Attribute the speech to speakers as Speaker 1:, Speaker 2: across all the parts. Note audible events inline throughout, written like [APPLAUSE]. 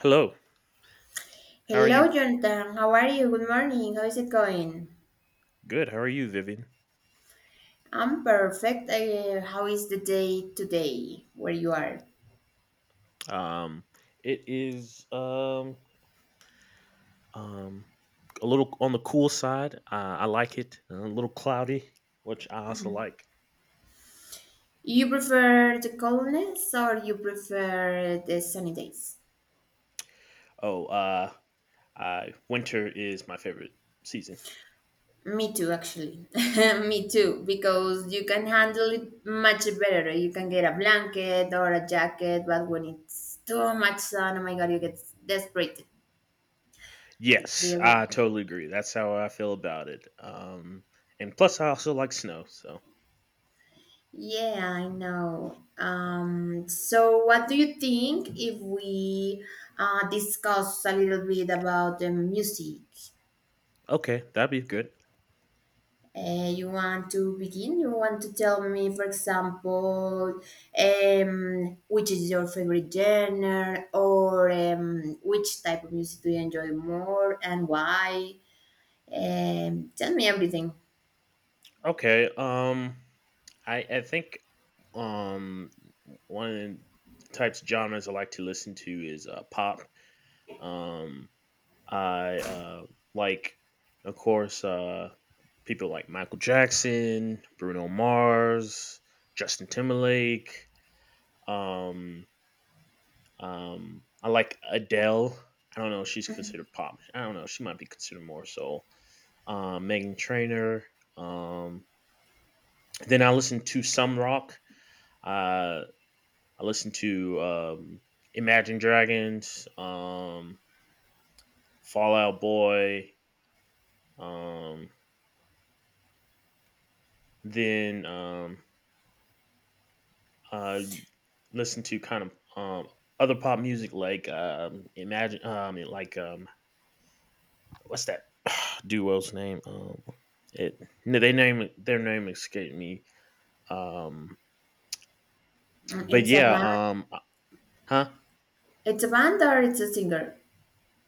Speaker 1: Hello. How are
Speaker 2: Hello,
Speaker 1: you?
Speaker 2: Jonathan. How are you? Good morning. How is it going?
Speaker 1: Good. How are you, Vivian?
Speaker 2: I'm perfect. How is the day today where you are?
Speaker 1: Um, it is um a little on the cool side. I like it. A little cloudy, which I also like.
Speaker 2: You prefer the coldness or you prefer the sunny days?
Speaker 1: Oh, winter is my favorite season.
Speaker 2: Me too, actually. [LAUGHS] Me too, because you can handle it much better. You can get a blanket or a jacket, but when it's too much sun, oh my God, you get desperate. Do
Speaker 1: Yes,
Speaker 2: you agree?
Speaker 1: I totally agree. That's how I feel about it. And plus, I also like snow. So
Speaker 2: Yeah, I know. So, what do you think if we discuss a little bit about the music?
Speaker 1: okay, that'd be good.
Speaker 2: You want to begin? You want to tell me, for example, which is your favorite genre, or which type of music do you enjoy more, and why? Tell me everything.
Speaker 1: Okay. I think um one of the types of genres I like to listen to is pop. Um, I like, of course, people like Michael Jackson, Bruno Mars, Justin Timberlake. Um, I like Adele. I don't know if she's considered pop. I don't know. She might be considered more so. Megan Trainor. Um, then I listen to some rock. I I listen to Imagine Dragons, Fallout Boy, um, then uh, listen to kind of other pop music like Imagine, like what's that [SIGHS] duo's name? It No, they name their name escaped me. Um, but
Speaker 2: It's a
Speaker 1: yeah,
Speaker 2: band.
Speaker 1: um, huh?
Speaker 2: It's a band or it's a singer?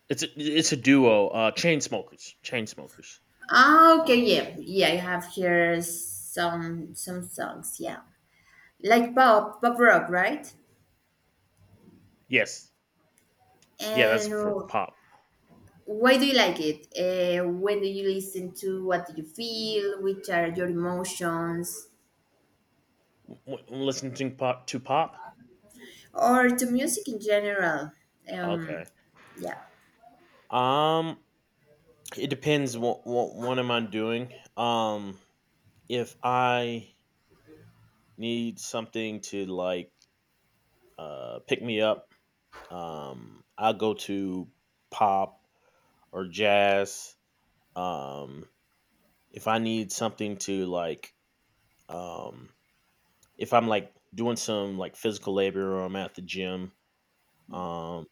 Speaker 1: It's a duo. Chain smokers, chain smokers.
Speaker 2: Ah, okay,
Speaker 1: Uh,
Speaker 2: yeah, yeah. I have here some songs, yeah, like pop pop rock, right?
Speaker 1: yes, yeah, that's
Speaker 2: And
Speaker 1: for pop.
Speaker 2: why do you like it? When do you listen to? What do you feel? Which are your emotions?
Speaker 1: Listening to pop to pop.
Speaker 2: Or to music in general? Um,
Speaker 1: Okay.
Speaker 2: yeah,
Speaker 1: Um, it depends what am I doing. If I need something to like pick me up, I'll go to pop or jazz. Um, if I need something to like um if I'm like doing some like physical labor or I'm at the gym, um,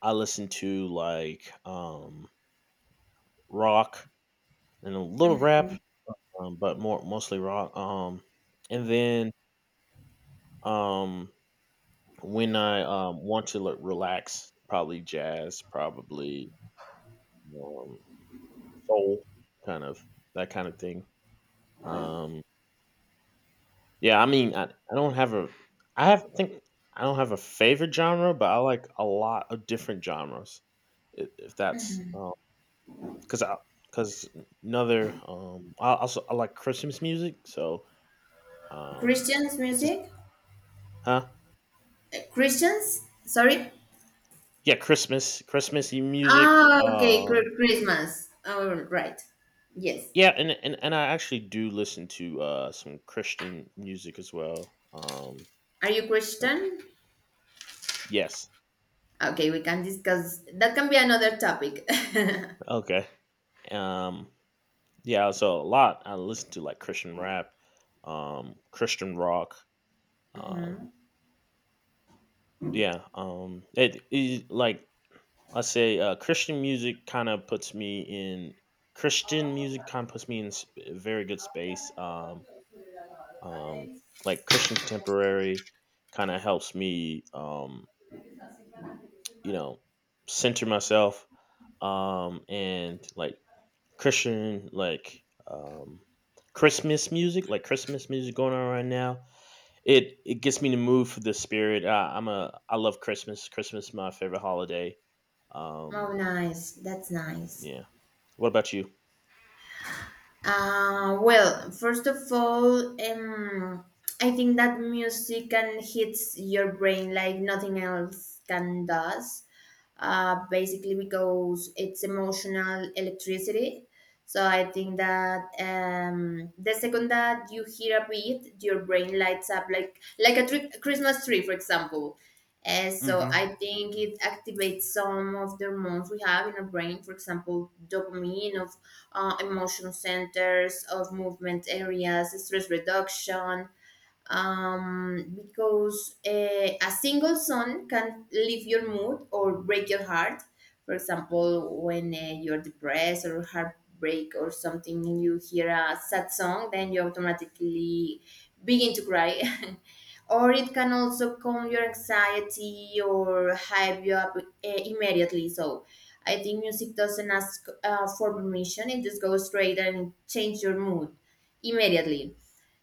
Speaker 1: I listen to like rock and a little rap, but more mostly rock. And then um, when I want to, like, relax, probably jazz, probably um, soul, kind of that kind of thing. Um, yeah, I mean, I don't have a, I have think I don't have a favorite genre, but I like a lot of different genres. If that's because I because another I also I like Christmas music, so um,
Speaker 2: Christians
Speaker 1: it's just,
Speaker 2: music.
Speaker 1: huh?
Speaker 2: Christians, sorry.
Speaker 1: Yeah, Christmas, Christmassy music.
Speaker 2: Ah, okay, Christmas. All right. Yes.
Speaker 1: Yeah, and I actually do listen to some Christian music as well.
Speaker 2: Are you
Speaker 1: Like
Speaker 2: Christian?
Speaker 1: yes,
Speaker 2: Ah, okay, we can discuss. That can be another topic. [LAUGHS]
Speaker 1: okay. Um, yeah, so a lot I listen to like Christian rap, Christian rock. Um, yeah, it is like I say, Christian music kind of puts me in. Christian music kind of puts me in a very good space. Um, like Christian contemporary kind of helps me, you know, center myself. And like Christian, like Christmas music, like Christmas music going on right now. It gets me in the mood for the spirit. I, I'm a I love Christmas. Christmas is my favorite holiday.
Speaker 2: Oh,
Speaker 1: Um,
Speaker 2: nice. That's nice.
Speaker 1: yeah. What about you?
Speaker 2: Well, first of all, I think that music can hits your brain like nothing else can does. Basically because it's emotional electricity. So I think that the second that you hear a beat, your brain lights up like a Christmas tree, for example. And so
Speaker 1: Mm-hmm.
Speaker 2: I think it activates some of the hormones we have in our brain, for example, dopamine of emotion centers, of movement areas, stress reduction, because a single song can lift your mood or break your heart. For example, when you're depressed or heartbreak or something, and you hear a sad song, then you automatically begin to cry. [LAUGHS] Or it can also calm your anxiety or hype you up immediately. So I think music doesn't ask for permission; it just goes straight and change your mood immediately.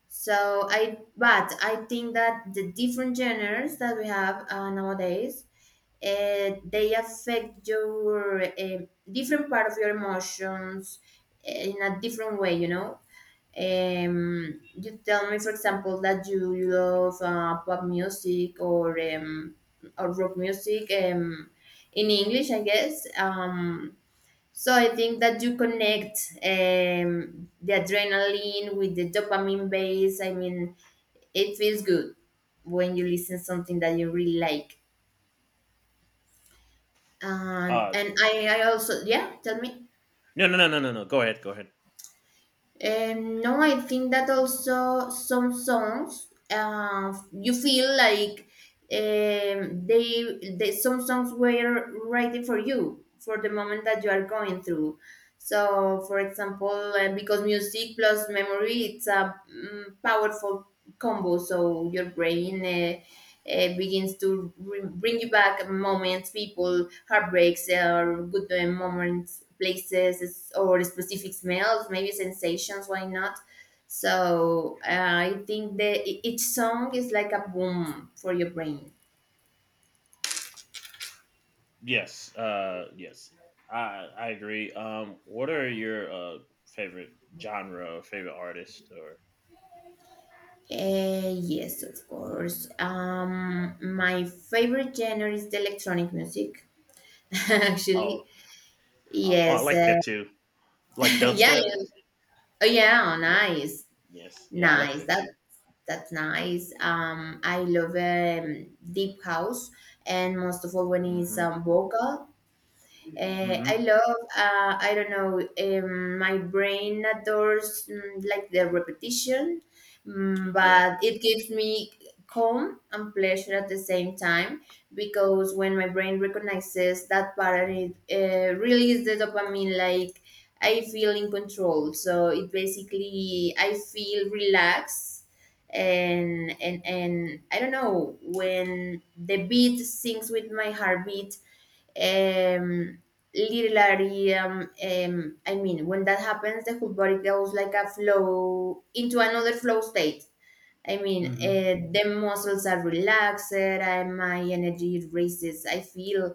Speaker 2: But I think that the different genres that we have nowadays, they affect your different part of your emotions in a different way. You know, you tell me, for example, that you love pop music or rock music in English, I guess. So I think that you connect the adrenaline with the dopamine base. I mean it feels good when you listen something that you really like, and
Speaker 1: Uh,
Speaker 2: and I also, yeah, tell me.
Speaker 1: no, no, no, no, no, no. Go ahead. Go ahead.
Speaker 2: No, I think that also some songs you feel like, they some songs were written for you for the moment that you are going through. So for example, because music plus memory it's a powerful combo, so your brain, begins to bring you back moments, people, heartbreaks, or good moments, places, or specific smells, maybe sensations. Why not? So I think that each song is like a boom for your brain.
Speaker 1: Yes, yes, I agree. What are your favorite genre or favorite artist or
Speaker 2: Yes, of course. My favorite genre is the electronic music, [LAUGHS] actually.
Speaker 1: oh oh I
Speaker 2: Yes.
Speaker 1: like that too,
Speaker 2: [LAUGHS]
Speaker 1: like
Speaker 2: Yeah.
Speaker 1: dubstep.
Speaker 2: Yeah. Oh, yeah,
Speaker 1: Yeah,
Speaker 2: nice.
Speaker 1: yes, yeah, I like
Speaker 2: Nice.
Speaker 1: that
Speaker 2: That
Speaker 1: too.
Speaker 2: that's nice. I love deep house, and most of all when it's
Speaker 1: Mm-hmm.
Speaker 2: vocal. I
Speaker 1: Mm-hmm.
Speaker 2: love, I don't know, my brain adores, like, the repetition,
Speaker 1: Yeah.
Speaker 2: but it gives me calm and pleasure at the same time, because when my brain recognizes that pattern, it releases the dopamine, like I feel in control. So it basically, I feel relaxed. And I don't know, when the beat syncs with my heartbeat, um, literally, I mean, when that happens the whole body goes like a flow into another flow state. I mean,
Speaker 1: Mm-hmm.
Speaker 2: the muscles are relaxed and my energy raises. I feel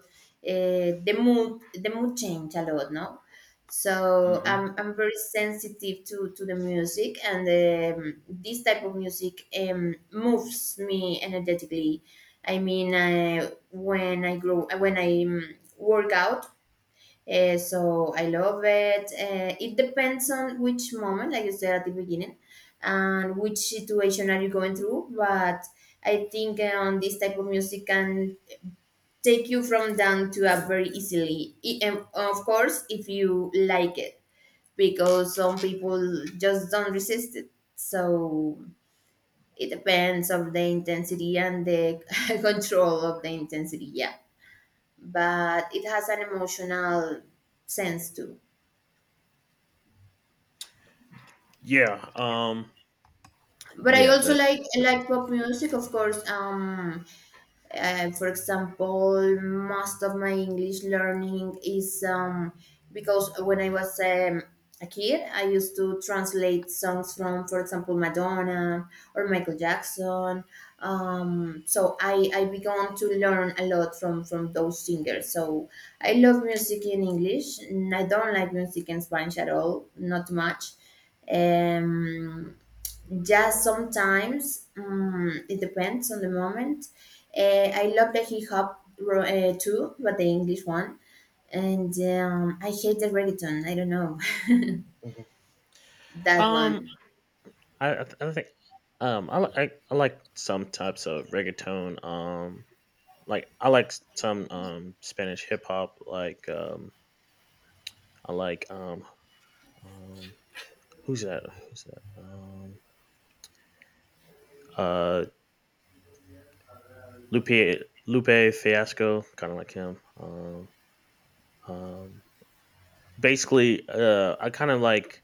Speaker 2: the mood change a lot, no? So
Speaker 1: Mm-hmm.
Speaker 2: I'm very sensitive to the music, and this type of music moves me energetically. I mean, when I work out, so I love it. It depends on which moment, like you said at the beginning, and which situation are you going through. But I think this type of music can take you from down to up very easily. And of course, if you like it, because some people just don't resist it. So it depends of the intensity and the [LAUGHS] control of the intensity. Yeah, but it has an emotional sense too.
Speaker 1: Yeah.
Speaker 2: But I
Speaker 1: Yeah.
Speaker 2: also
Speaker 1: That.
Speaker 2: like
Speaker 1: That's
Speaker 2: like pop music, of course. For example, most of my English learning is, because when I was, a kid, I used to translate songs from, for example, Madonna or Michael Jackson. So I began to learn a lot from those singers. So I love music in English. And I don't like music in Spanish at all, not much. um yeah, sometimes, it depends on the moment. I love the hip hop, too, but the English one, and I hate the reggaeton. I don't know,
Speaker 1: Mhm.
Speaker 2: [LAUGHS] that
Speaker 1: Um,
Speaker 2: one.
Speaker 1: I think I, li- I like some types of reggaeton. Like I like some Spanish hip hop. Like I like um who's that? Who's that? Uh Lupe Lupe Fiasco. Kind of like him. Um, basically, I kind of like,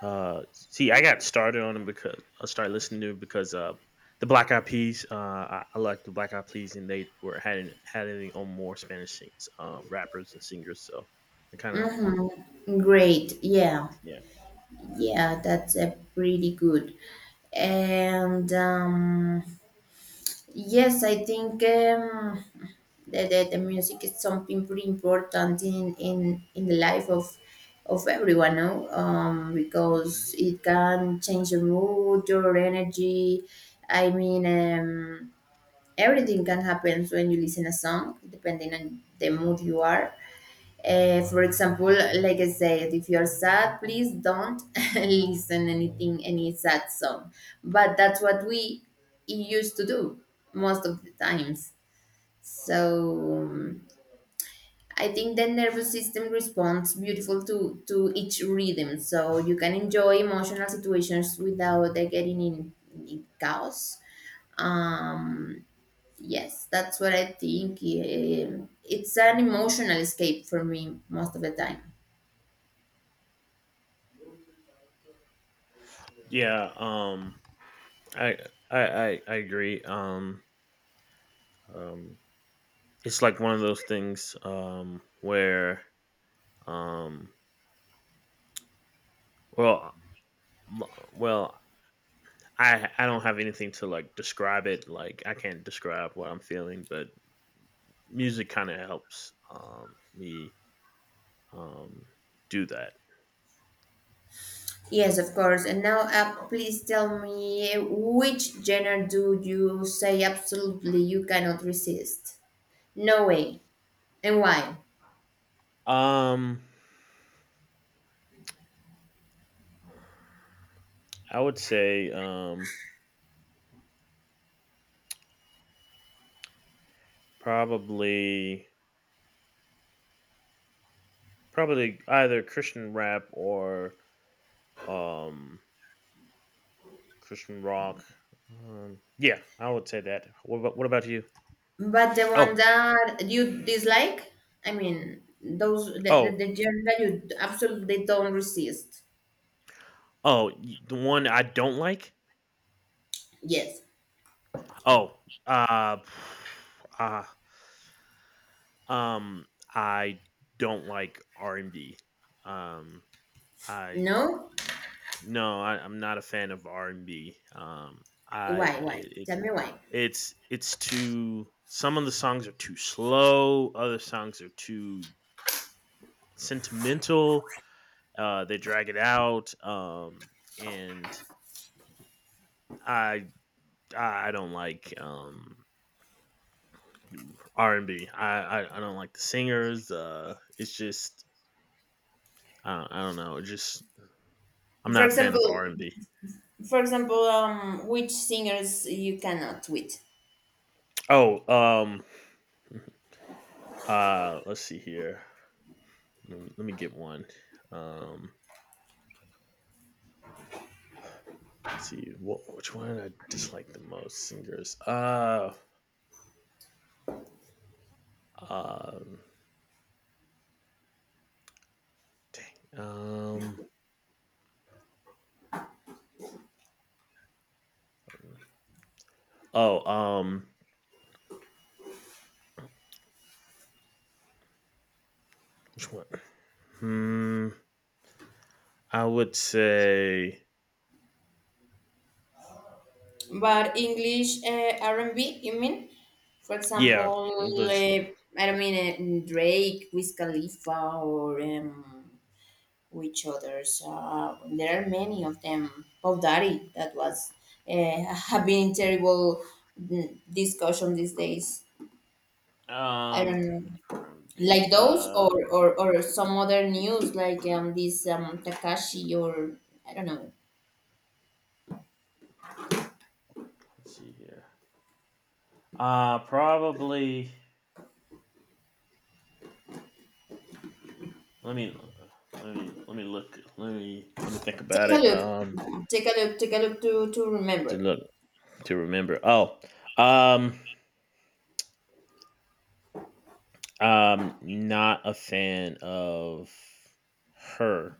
Speaker 1: see. I got started on them because I started listening to 'em because the Black Eyed Peas. I like the Black Eyed Peas, and they were had it on more Spanish sings, rappers and singers. So I kind of
Speaker 2: Mm-hmm. Great. Yeah,
Speaker 1: yeah.
Speaker 2: yeah, that's pretty good. And, yes, I think the music is something pretty important in the life of everyone, no? Because
Speaker 1: Mhm.
Speaker 2: it can change your mood, your energy. I mean, everything can happen when you listen a song, depending on the mood you are. For example, like I said, if you're sad, please don't [LAUGHS] listen
Speaker 1: Uh,
Speaker 2: anything, any sad song. But that's what we used to do most of the times. So I think the nervous system responds beautiful to each rhythm. So you can enjoy emotional situations without getting in chaos. Um, yes, that's what I think. It's an emotional escape for me most of the time.
Speaker 1: Yeah, I, I agree. Um, it's like one of those things where um, well, well, I don't have anything to like describe it. Like I can't describe what I'm feeling, but music kind of helps, me, um, do that.
Speaker 2: Yes, of course. And now, please tell me, which genre do you say absolutely you cannot resist? No way. And why?
Speaker 1: Um, I would say, probably probably either Christian rap or um, Christian rock. Yeah, I would say that. What about you?
Speaker 2: But the one
Speaker 1: Oh
Speaker 2: that you dislike? I mean, those, the, the,
Speaker 1: oh
Speaker 2: the genre that you absolutely don't resist.
Speaker 1: the one I don't like.
Speaker 2: Yes.
Speaker 1: Oh uh, [SIGHS] uh Um, I don't like R&B. Um, I
Speaker 2: No?
Speaker 1: no, I'm not a fan of R&B. I
Speaker 2: Why? Why?
Speaker 1: it, it
Speaker 2: Tell me why.
Speaker 1: it's Too some of the songs are too slow, other songs are too sentimental. They drag it out. Um, and I I don't like R and B. I don't like the singers. It's just I don't know. It just I'm
Speaker 2: For
Speaker 1: not a fan of
Speaker 2: example,
Speaker 1: R and B.
Speaker 2: for example, which singers you cannot with?
Speaker 1: Oh, um, let's see here. Let me get one. Um, let's see what which one I dislike the most singers. Um, Dang. Oh, which one? Hmm, I would say
Speaker 2: But English, R&B, you mean? For example,
Speaker 1: yeah, English.
Speaker 2: I don't mean Drake, Wiz Khalifa, or which others? There are many of them. Puff Daddy, that was [LAUGHS] have been terrible, discussion these days. I
Speaker 1: Um,
Speaker 2: don't know,
Speaker 1: R&B.
Speaker 2: like those, or or some other news like, this, Takashi, or I don't know.
Speaker 1: Let's see here. Probably. Let me let me look. Let me think about
Speaker 2: Take a
Speaker 1: it.
Speaker 2: look, Take a look to
Speaker 1: To
Speaker 2: remember.
Speaker 1: look to remember. Oh, um, Not a fan of her.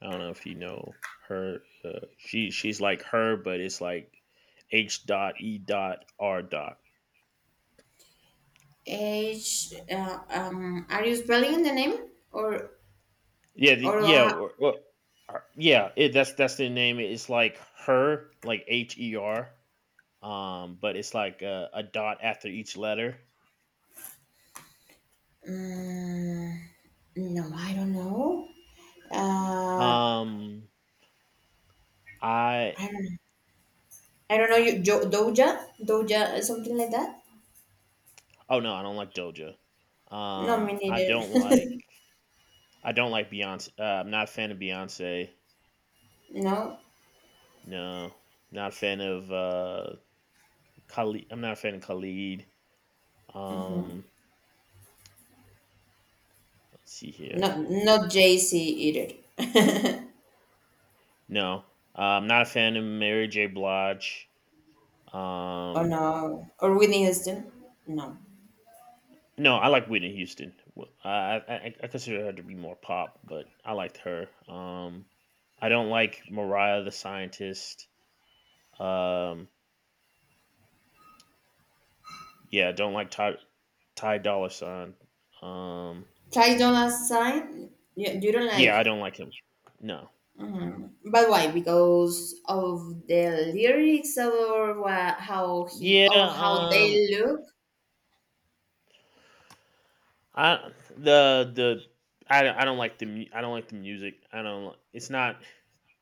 Speaker 1: I don't know if you know her. She's like her, but it's like H dot E dot R dot.
Speaker 2: H. Are you spelling the name, or
Speaker 1: Yeah, the,
Speaker 2: or
Speaker 1: yeah,
Speaker 2: uh,
Speaker 1: or, yeah. That's the name. It's like her, like H E R. But it's like a dot after each letter.
Speaker 2: mm, no? I don't know. Uh,
Speaker 1: Um, I
Speaker 2: I don't know. I don't know. You Doja, something like that.
Speaker 1: Oh, no, I don't like Doja.
Speaker 2: No, me
Speaker 1: Um, I
Speaker 2: neither.
Speaker 1: don't like I don't like Beyonce. I'm not a fan of Beyonce.
Speaker 2: [LAUGHS] No,
Speaker 1: No, not a fan of Khalid. I'm not a fan of Khalid. Um, let's see here.
Speaker 2: not Jay Z either. [LAUGHS]
Speaker 1: No, I'm not a fan of Mary J. Blige.
Speaker 2: Oh
Speaker 1: Um,
Speaker 2: no, or Whitney Houston. No.
Speaker 1: no, I like Whitney Houston. I consider her to be more pop, but I liked her. I don't like Mariah the Scientist. Um, yeah, don't like Ty. Ty Dolla Sign. Um,
Speaker 2: Ty Dolla Sign. You don't
Speaker 1: yeah, I
Speaker 2: like.
Speaker 1: don't like him. No.
Speaker 2: But why? Because of the lyrics, or how he
Speaker 1: Yeah.
Speaker 2: or how they look?
Speaker 1: I the I don't like I don't like the music. I don't. It's not.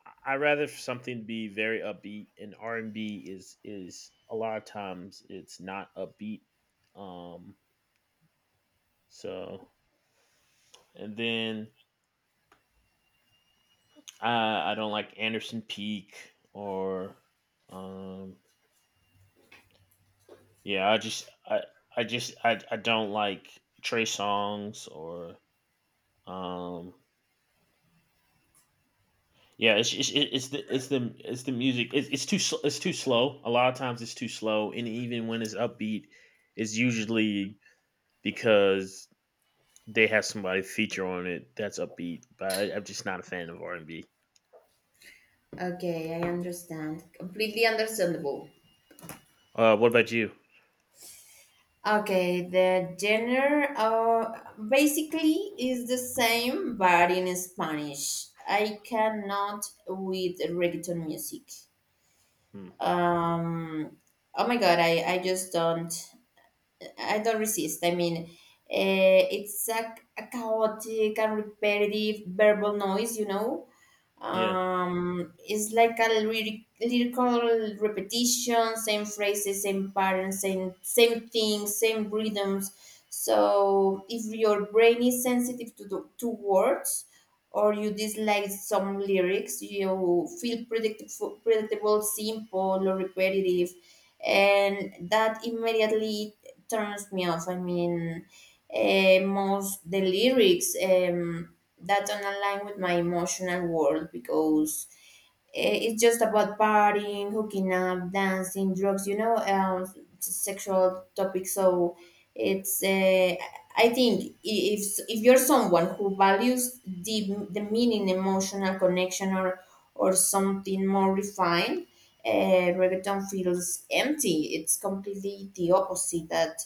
Speaker 1: I'd rather for something to be very upbeat. And R and B is a lot of times it's not upbeat. Um. So and then I don't like Anderson Peak or um yeah, I don't like Trey songs or um yeah, it's the music. It's too it's too slow a lot of times, it's too slow, and even when it's upbeat it's usually because they have somebody feature on it that's upbeat, but I'm just not a fan of R and B.
Speaker 2: Okay, I understand. Completely understandable.
Speaker 1: What about you?
Speaker 2: Okay, the genre basically is the same but in Spanish. I cannot with reggaeton music.
Speaker 1: Hmm.
Speaker 2: Um, oh my God, I just don't. I don't resist. I mean, it's a chaotic and repetitive verbal noise, you know.
Speaker 1: Yeah,
Speaker 2: It's like a lyrical repetition, same phrases, same patterns, same things, same rhythms. So if your brain is sensitive to words, or you dislike some lyrics, you feel predictable, simple, or repetitive, and that immediately turns me off. I mean, most the lyrics, that don't align with my emotional world, because it's just about partying, hooking up, dancing, drugs, you know, sexual topics. So it's, I think, i- if if you're someone who values the meaning, emotional connection, or something more refined, reggaeton feels empty. It's completely the opposite. That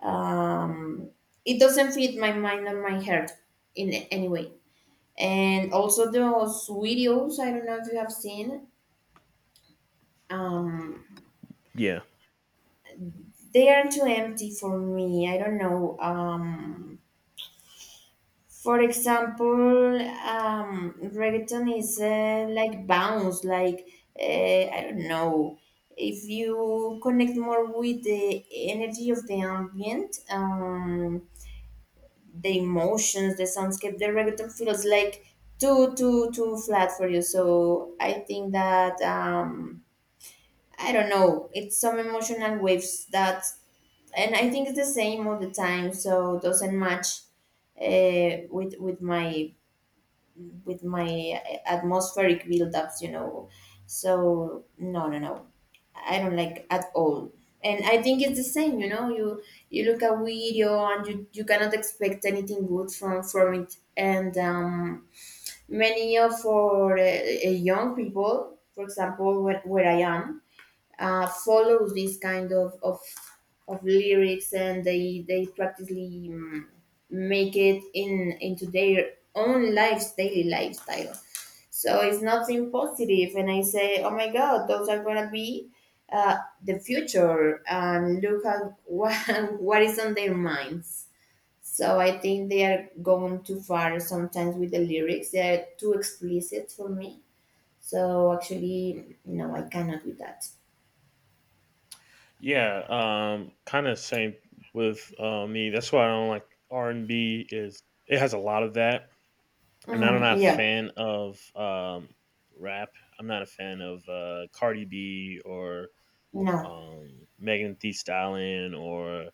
Speaker 2: um, it doesn't fit my mind and my heart in any way. And also those videos, I don't know if you have seen. Um,
Speaker 1: yeah,
Speaker 2: they are too empty for me. I don't know. For example, reggaeton is, like bounce, like, uh, I don't know. If you connect more with the energy of the ambient, the emotions, the soundscape, the reggaeton feels like too flat for you. So I think that, I don't know. It's some emotional waves that, and I think it's the same all the time. So doesn't match with my, atmospheric buildups, you know. So no, no, no, I don't like at all. And I think it's the same, you know. You look at video and you cannot expect anything good from it. And many of for young people, for example, where I am, follow this kind of lyrics and they practically make it in into their own lives daily lifestyle so it's nothing positive and I say oh my god those are gonna be uh, the future and look at what, [LAUGHS] what is on their minds so I think they are going too far sometimes with the lyrics they're too explicit for me so actually no I cannot with that.
Speaker 1: yeah. Kind of same with, me. That's why I don't like R and B is it has a lot of that. I'm not, I'm
Speaker 2: Mhm.
Speaker 1: not a
Speaker 2: Yeah.
Speaker 1: fan of rap. I'm not a fan of, Cardi B or
Speaker 2: No.
Speaker 1: Megan Thee Stallion or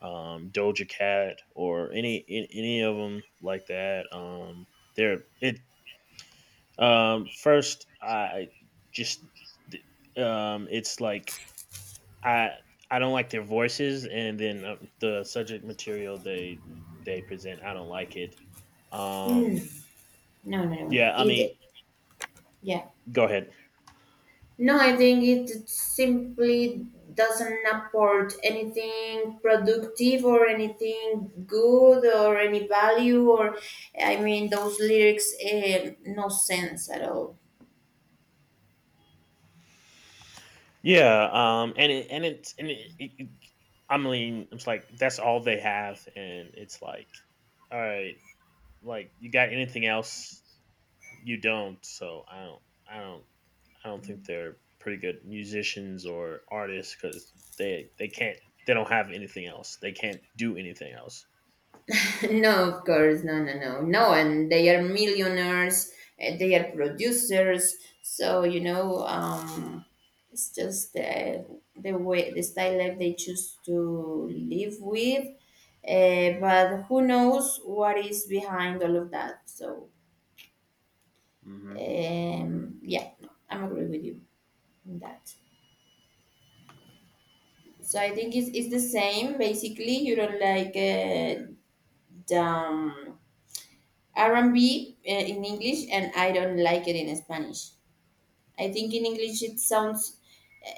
Speaker 1: Doja Cat or any of them like that. They're it First. I just it's like I I don't like their voices, and then the subject material they present, I don't like it. Um,
Speaker 2: Mm. No, no, no.
Speaker 1: yeah, I mean,
Speaker 2: Yeah.
Speaker 1: go ahead.
Speaker 2: No, I think it simply doesn't apport anything productive or anything good or any value or, I mean, those lyrics, eh, no sense at all.
Speaker 1: Yeah, and it and it and it, it, it- I mean, it's like that's all they have, and it's like, all right, like you got anything else? You don't, so I don't, I don't think they're pretty good musicians or artists because they can't, they don't have anything else. They can't do anything else.
Speaker 2: No, of course, no, no, no, no. And they are millionaires. They are producers. So it's just the way the style life they choose to live with. But who knows what is behind all of that? So
Speaker 1: Mm-hmm.
Speaker 2: yeah, no, I'm agree with you on that. So I think it's the same. Basically, you don't like the R&B in English and I don't like it in Spanish. I think in English it sounds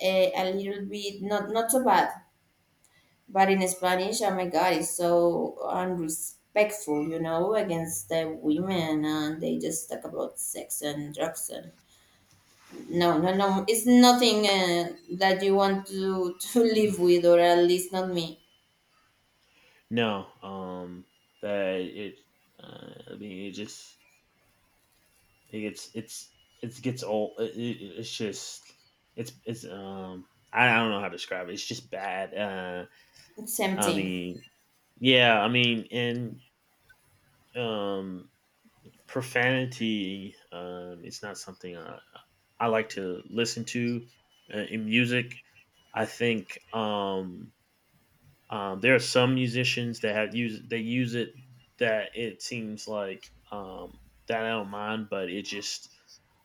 Speaker 2: a little bit not so bad, but in Spanish, oh my God, it's so unrespectful, you know, against the women, and they just talk about sex and drugs and no, no, no, it's nothing that you want to [LAUGHS] to live with, or at least not me.
Speaker 1: No, that it, I mean, it just, It's it's it gets old. It, it's just it's I, don't know how to describe it. It's just bad.
Speaker 2: It's
Speaker 1: I
Speaker 2: empty.
Speaker 1: mean, yeah, I mean, and um, profanity. It's not something I like to listen to, in music. I think there are some musicians that have used they use it that it seems like, that I don't mind, but it just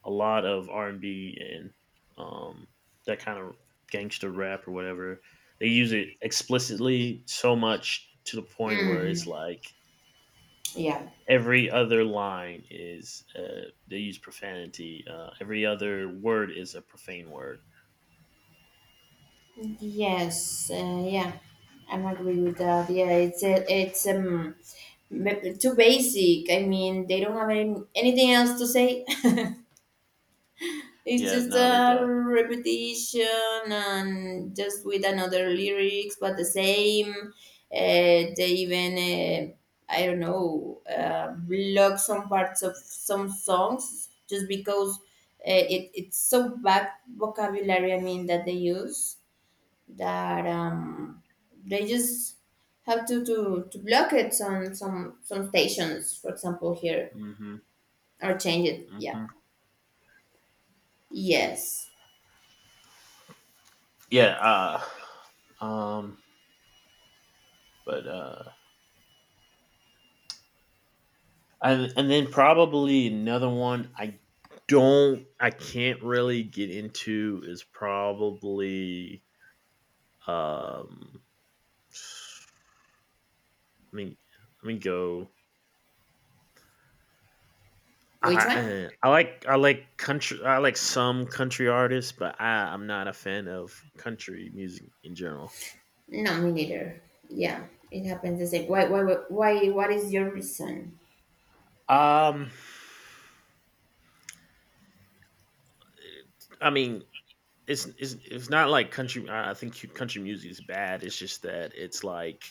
Speaker 1: a lot of R and B and um, that kind of gangster rap or whatever. They use it explicitly so much to the point where it's
Speaker 2: Mm,
Speaker 1: like
Speaker 2: yeah.
Speaker 1: every other line is, they use profanity. Every other word is a profane word.
Speaker 2: Yes, yeah, I'm agree with that. Yeah, it's too basic. I mean, they don't have anything else to say. [LAUGHS] It's
Speaker 1: Yeah,
Speaker 2: just
Speaker 1: no, they
Speaker 2: a
Speaker 1: don't.
Speaker 2: repetition and just with another lyrics, but the same. They even I don't know block some parts of some songs just because it's so bad vocabulary. I mean that they use that they just have to block it on some stations, for example here,
Speaker 1: Hmm.
Speaker 2: or change it. Yeah.
Speaker 1: Hmm.
Speaker 2: Yes.
Speaker 1: Yeah. Uh, um, But and then probably another one I can't really get into is probably. Um I mean let me go
Speaker 2: Which one?
Speaker 1: I like, I like country. I like some country artists, but I'm not a fan of country music in general.
Speaker 2: No, me neither. Yeah, it happens the same. Why? Why? Why? What is your reason?
Speaker 1: Um I mean it's not like country I think country music is bad. It's just that it's like,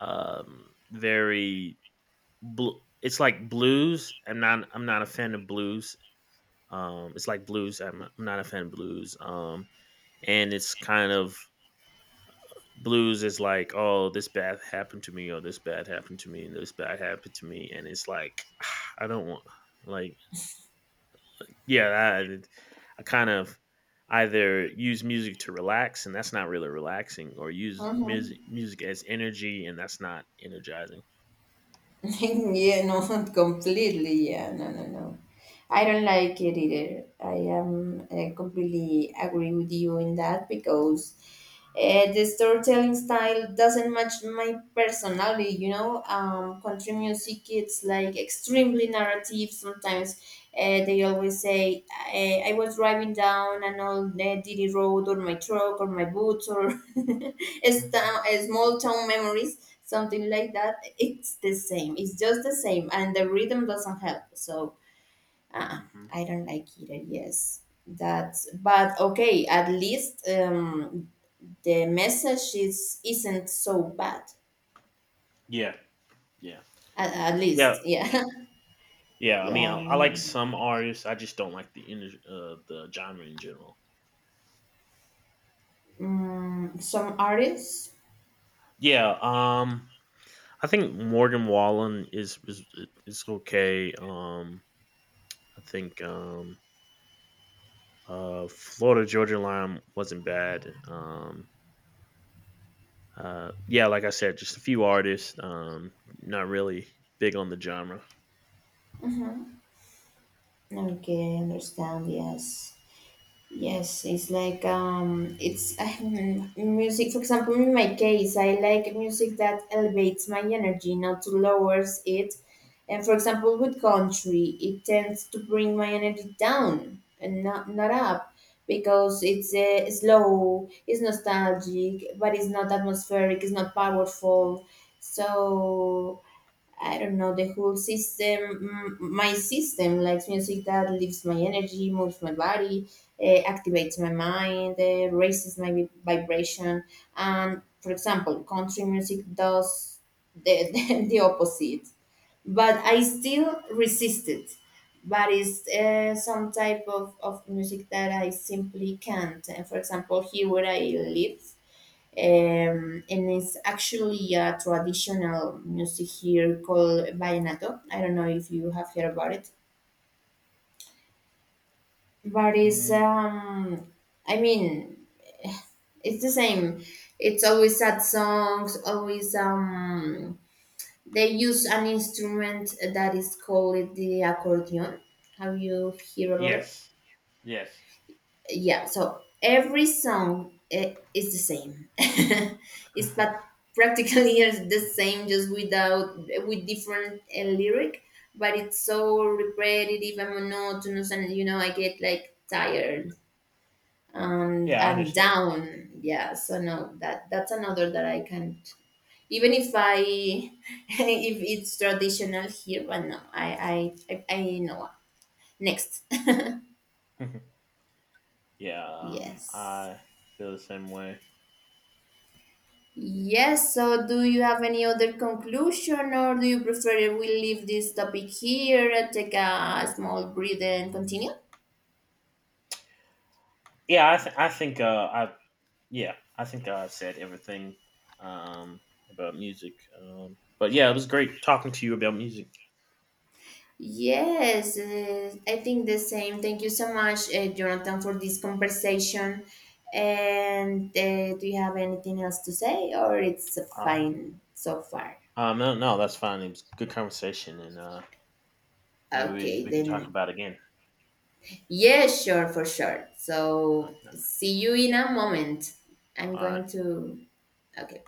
Speaker 1: very Blu it's like blues. I'm not a fan of blues. It's like blues. I'm not a fan of blues. And it's kind of blues is like, oh, this bad happened to me, or this bad happened to me, and this bad happened to me, and it's like, [SIGHS] I don't want, like, yeah, I kind of either use music to relax, and that's not really relaxing, or use music
Speaker 2: Mm-hmm.
Speaker 1: music as energy, and that's not energizing.
Speaker 2: [LAUGHS] Yeah. No. [LAUGHS] Completely. Yeah. No. No. No. I don't like it either. I am completely agree with you in that because the storytelling style doesn't match my personality. You know, country music it's like extremely narrative. Sometimes they always say, "I was driving down an old dirty road, or my truck, or my boots, or [LAUGHS] it's
Speaker 1: Hmm.
Speaker 2: town, a small town memories." Something like that. It's the same. It's just the same, and the rhythm doesn't help. So. Ah,
Speaker 1: Hmm.
Speaker 2: I don't like either. Yes, that's but okay. At least the message is isn't so bad.
Speaker 1: Yeah, yeah,
Speaker 2: At
Speaker 1: yeah.
Speaker 2: least, yeah, [LAUGHS]
Speaker 1: Yeah, I
Speaker 2: yeah.
Speaker 1: mean, I,
Speaker 2: I
Speaker 1: I like
Speaker 2: know.
Speaker 1: some artists. I just don't like the genre in general.
Speaker 2: Mm, some artists.
Speaker 1: Yeah, I think Morgan Wallen is okay. I think, Florida Georgia Line wasn't bad. Yeah, like I said, just a few artists. Not really big on the genre.
Speaker 2: Okay, I understand. Yes. Yes, it's like it's music. For example, in my case, I like music that elevates my energy, not to lowers it. And for
Speaker 1: Mhm.
Speaker 2: example, with country, it tends to bring my energy down and not up because it's slow, it's nostalgic, but it's not atmospheric, it's not powerful. So I don't know, the whole system, mm, my system likes music that lifts my energy, moves my body, activates my mind, raises my vibration. And for example, country music does [LAUGHS] the opposite. But I still resist it. But it's some type of music that I simply can't. And for example, here where I live, and it's actually a traditional music here called vallenato. I don't know if you have heard about it, but it's
Speaker 1: Mm,
Speaker 2: I mean, it's the same. It's always sad songs. Always they use an instrument that is called the accordion. Have you heard about it?
Speaker 1: yes. Yes.
Speaker 2: Yeah, so every song is the same. [LAUGHS] It's but practically [LAUGHS] is the same just without with different lyric but it's so repetitive and monotonous and you know I get like tired and
Speaker 1: Yeah, I
Speaker 2: I'm
Speaker 1: understand.
Speaker 2: down yeah so no that's another that I can't even if I [LAUGHS] if it's traditional here but no I know next.
Speaker 1: [LAUGHS] Yeah,
Speaker 2: [LAUGHS] Yes.
Speaker 1: I feel the same way.
Speaker 2: Yes, so do you have any other conclusion or do you prefer we leave this topic here and take a small breather and continue?
Speaker 1: Yeah, I think I yeah, I think I've said everything um, about music. But yeah, it was great talking to you about music.
Speaker 2: Yes, I think the same. Thank you so much, Jonathan, for this conversation. And do you have anything else to say or it's
Speaker 1: Uh,
Speaker 2: fine so far?
Speaker 1: no, no, that's fine. It was good conversation, and maybe we,
Speaker 2: Okay,
Speaker 1: we can talk
Speaker 2: then.
Speaker 1: about it again.
Speaker 2: Yes, sure, for sure. So
Speaker 1: Okay.
Speaker 2: see you in a moment. I'm
Speaker 1: All right.
Speaker 2: going to. Okay.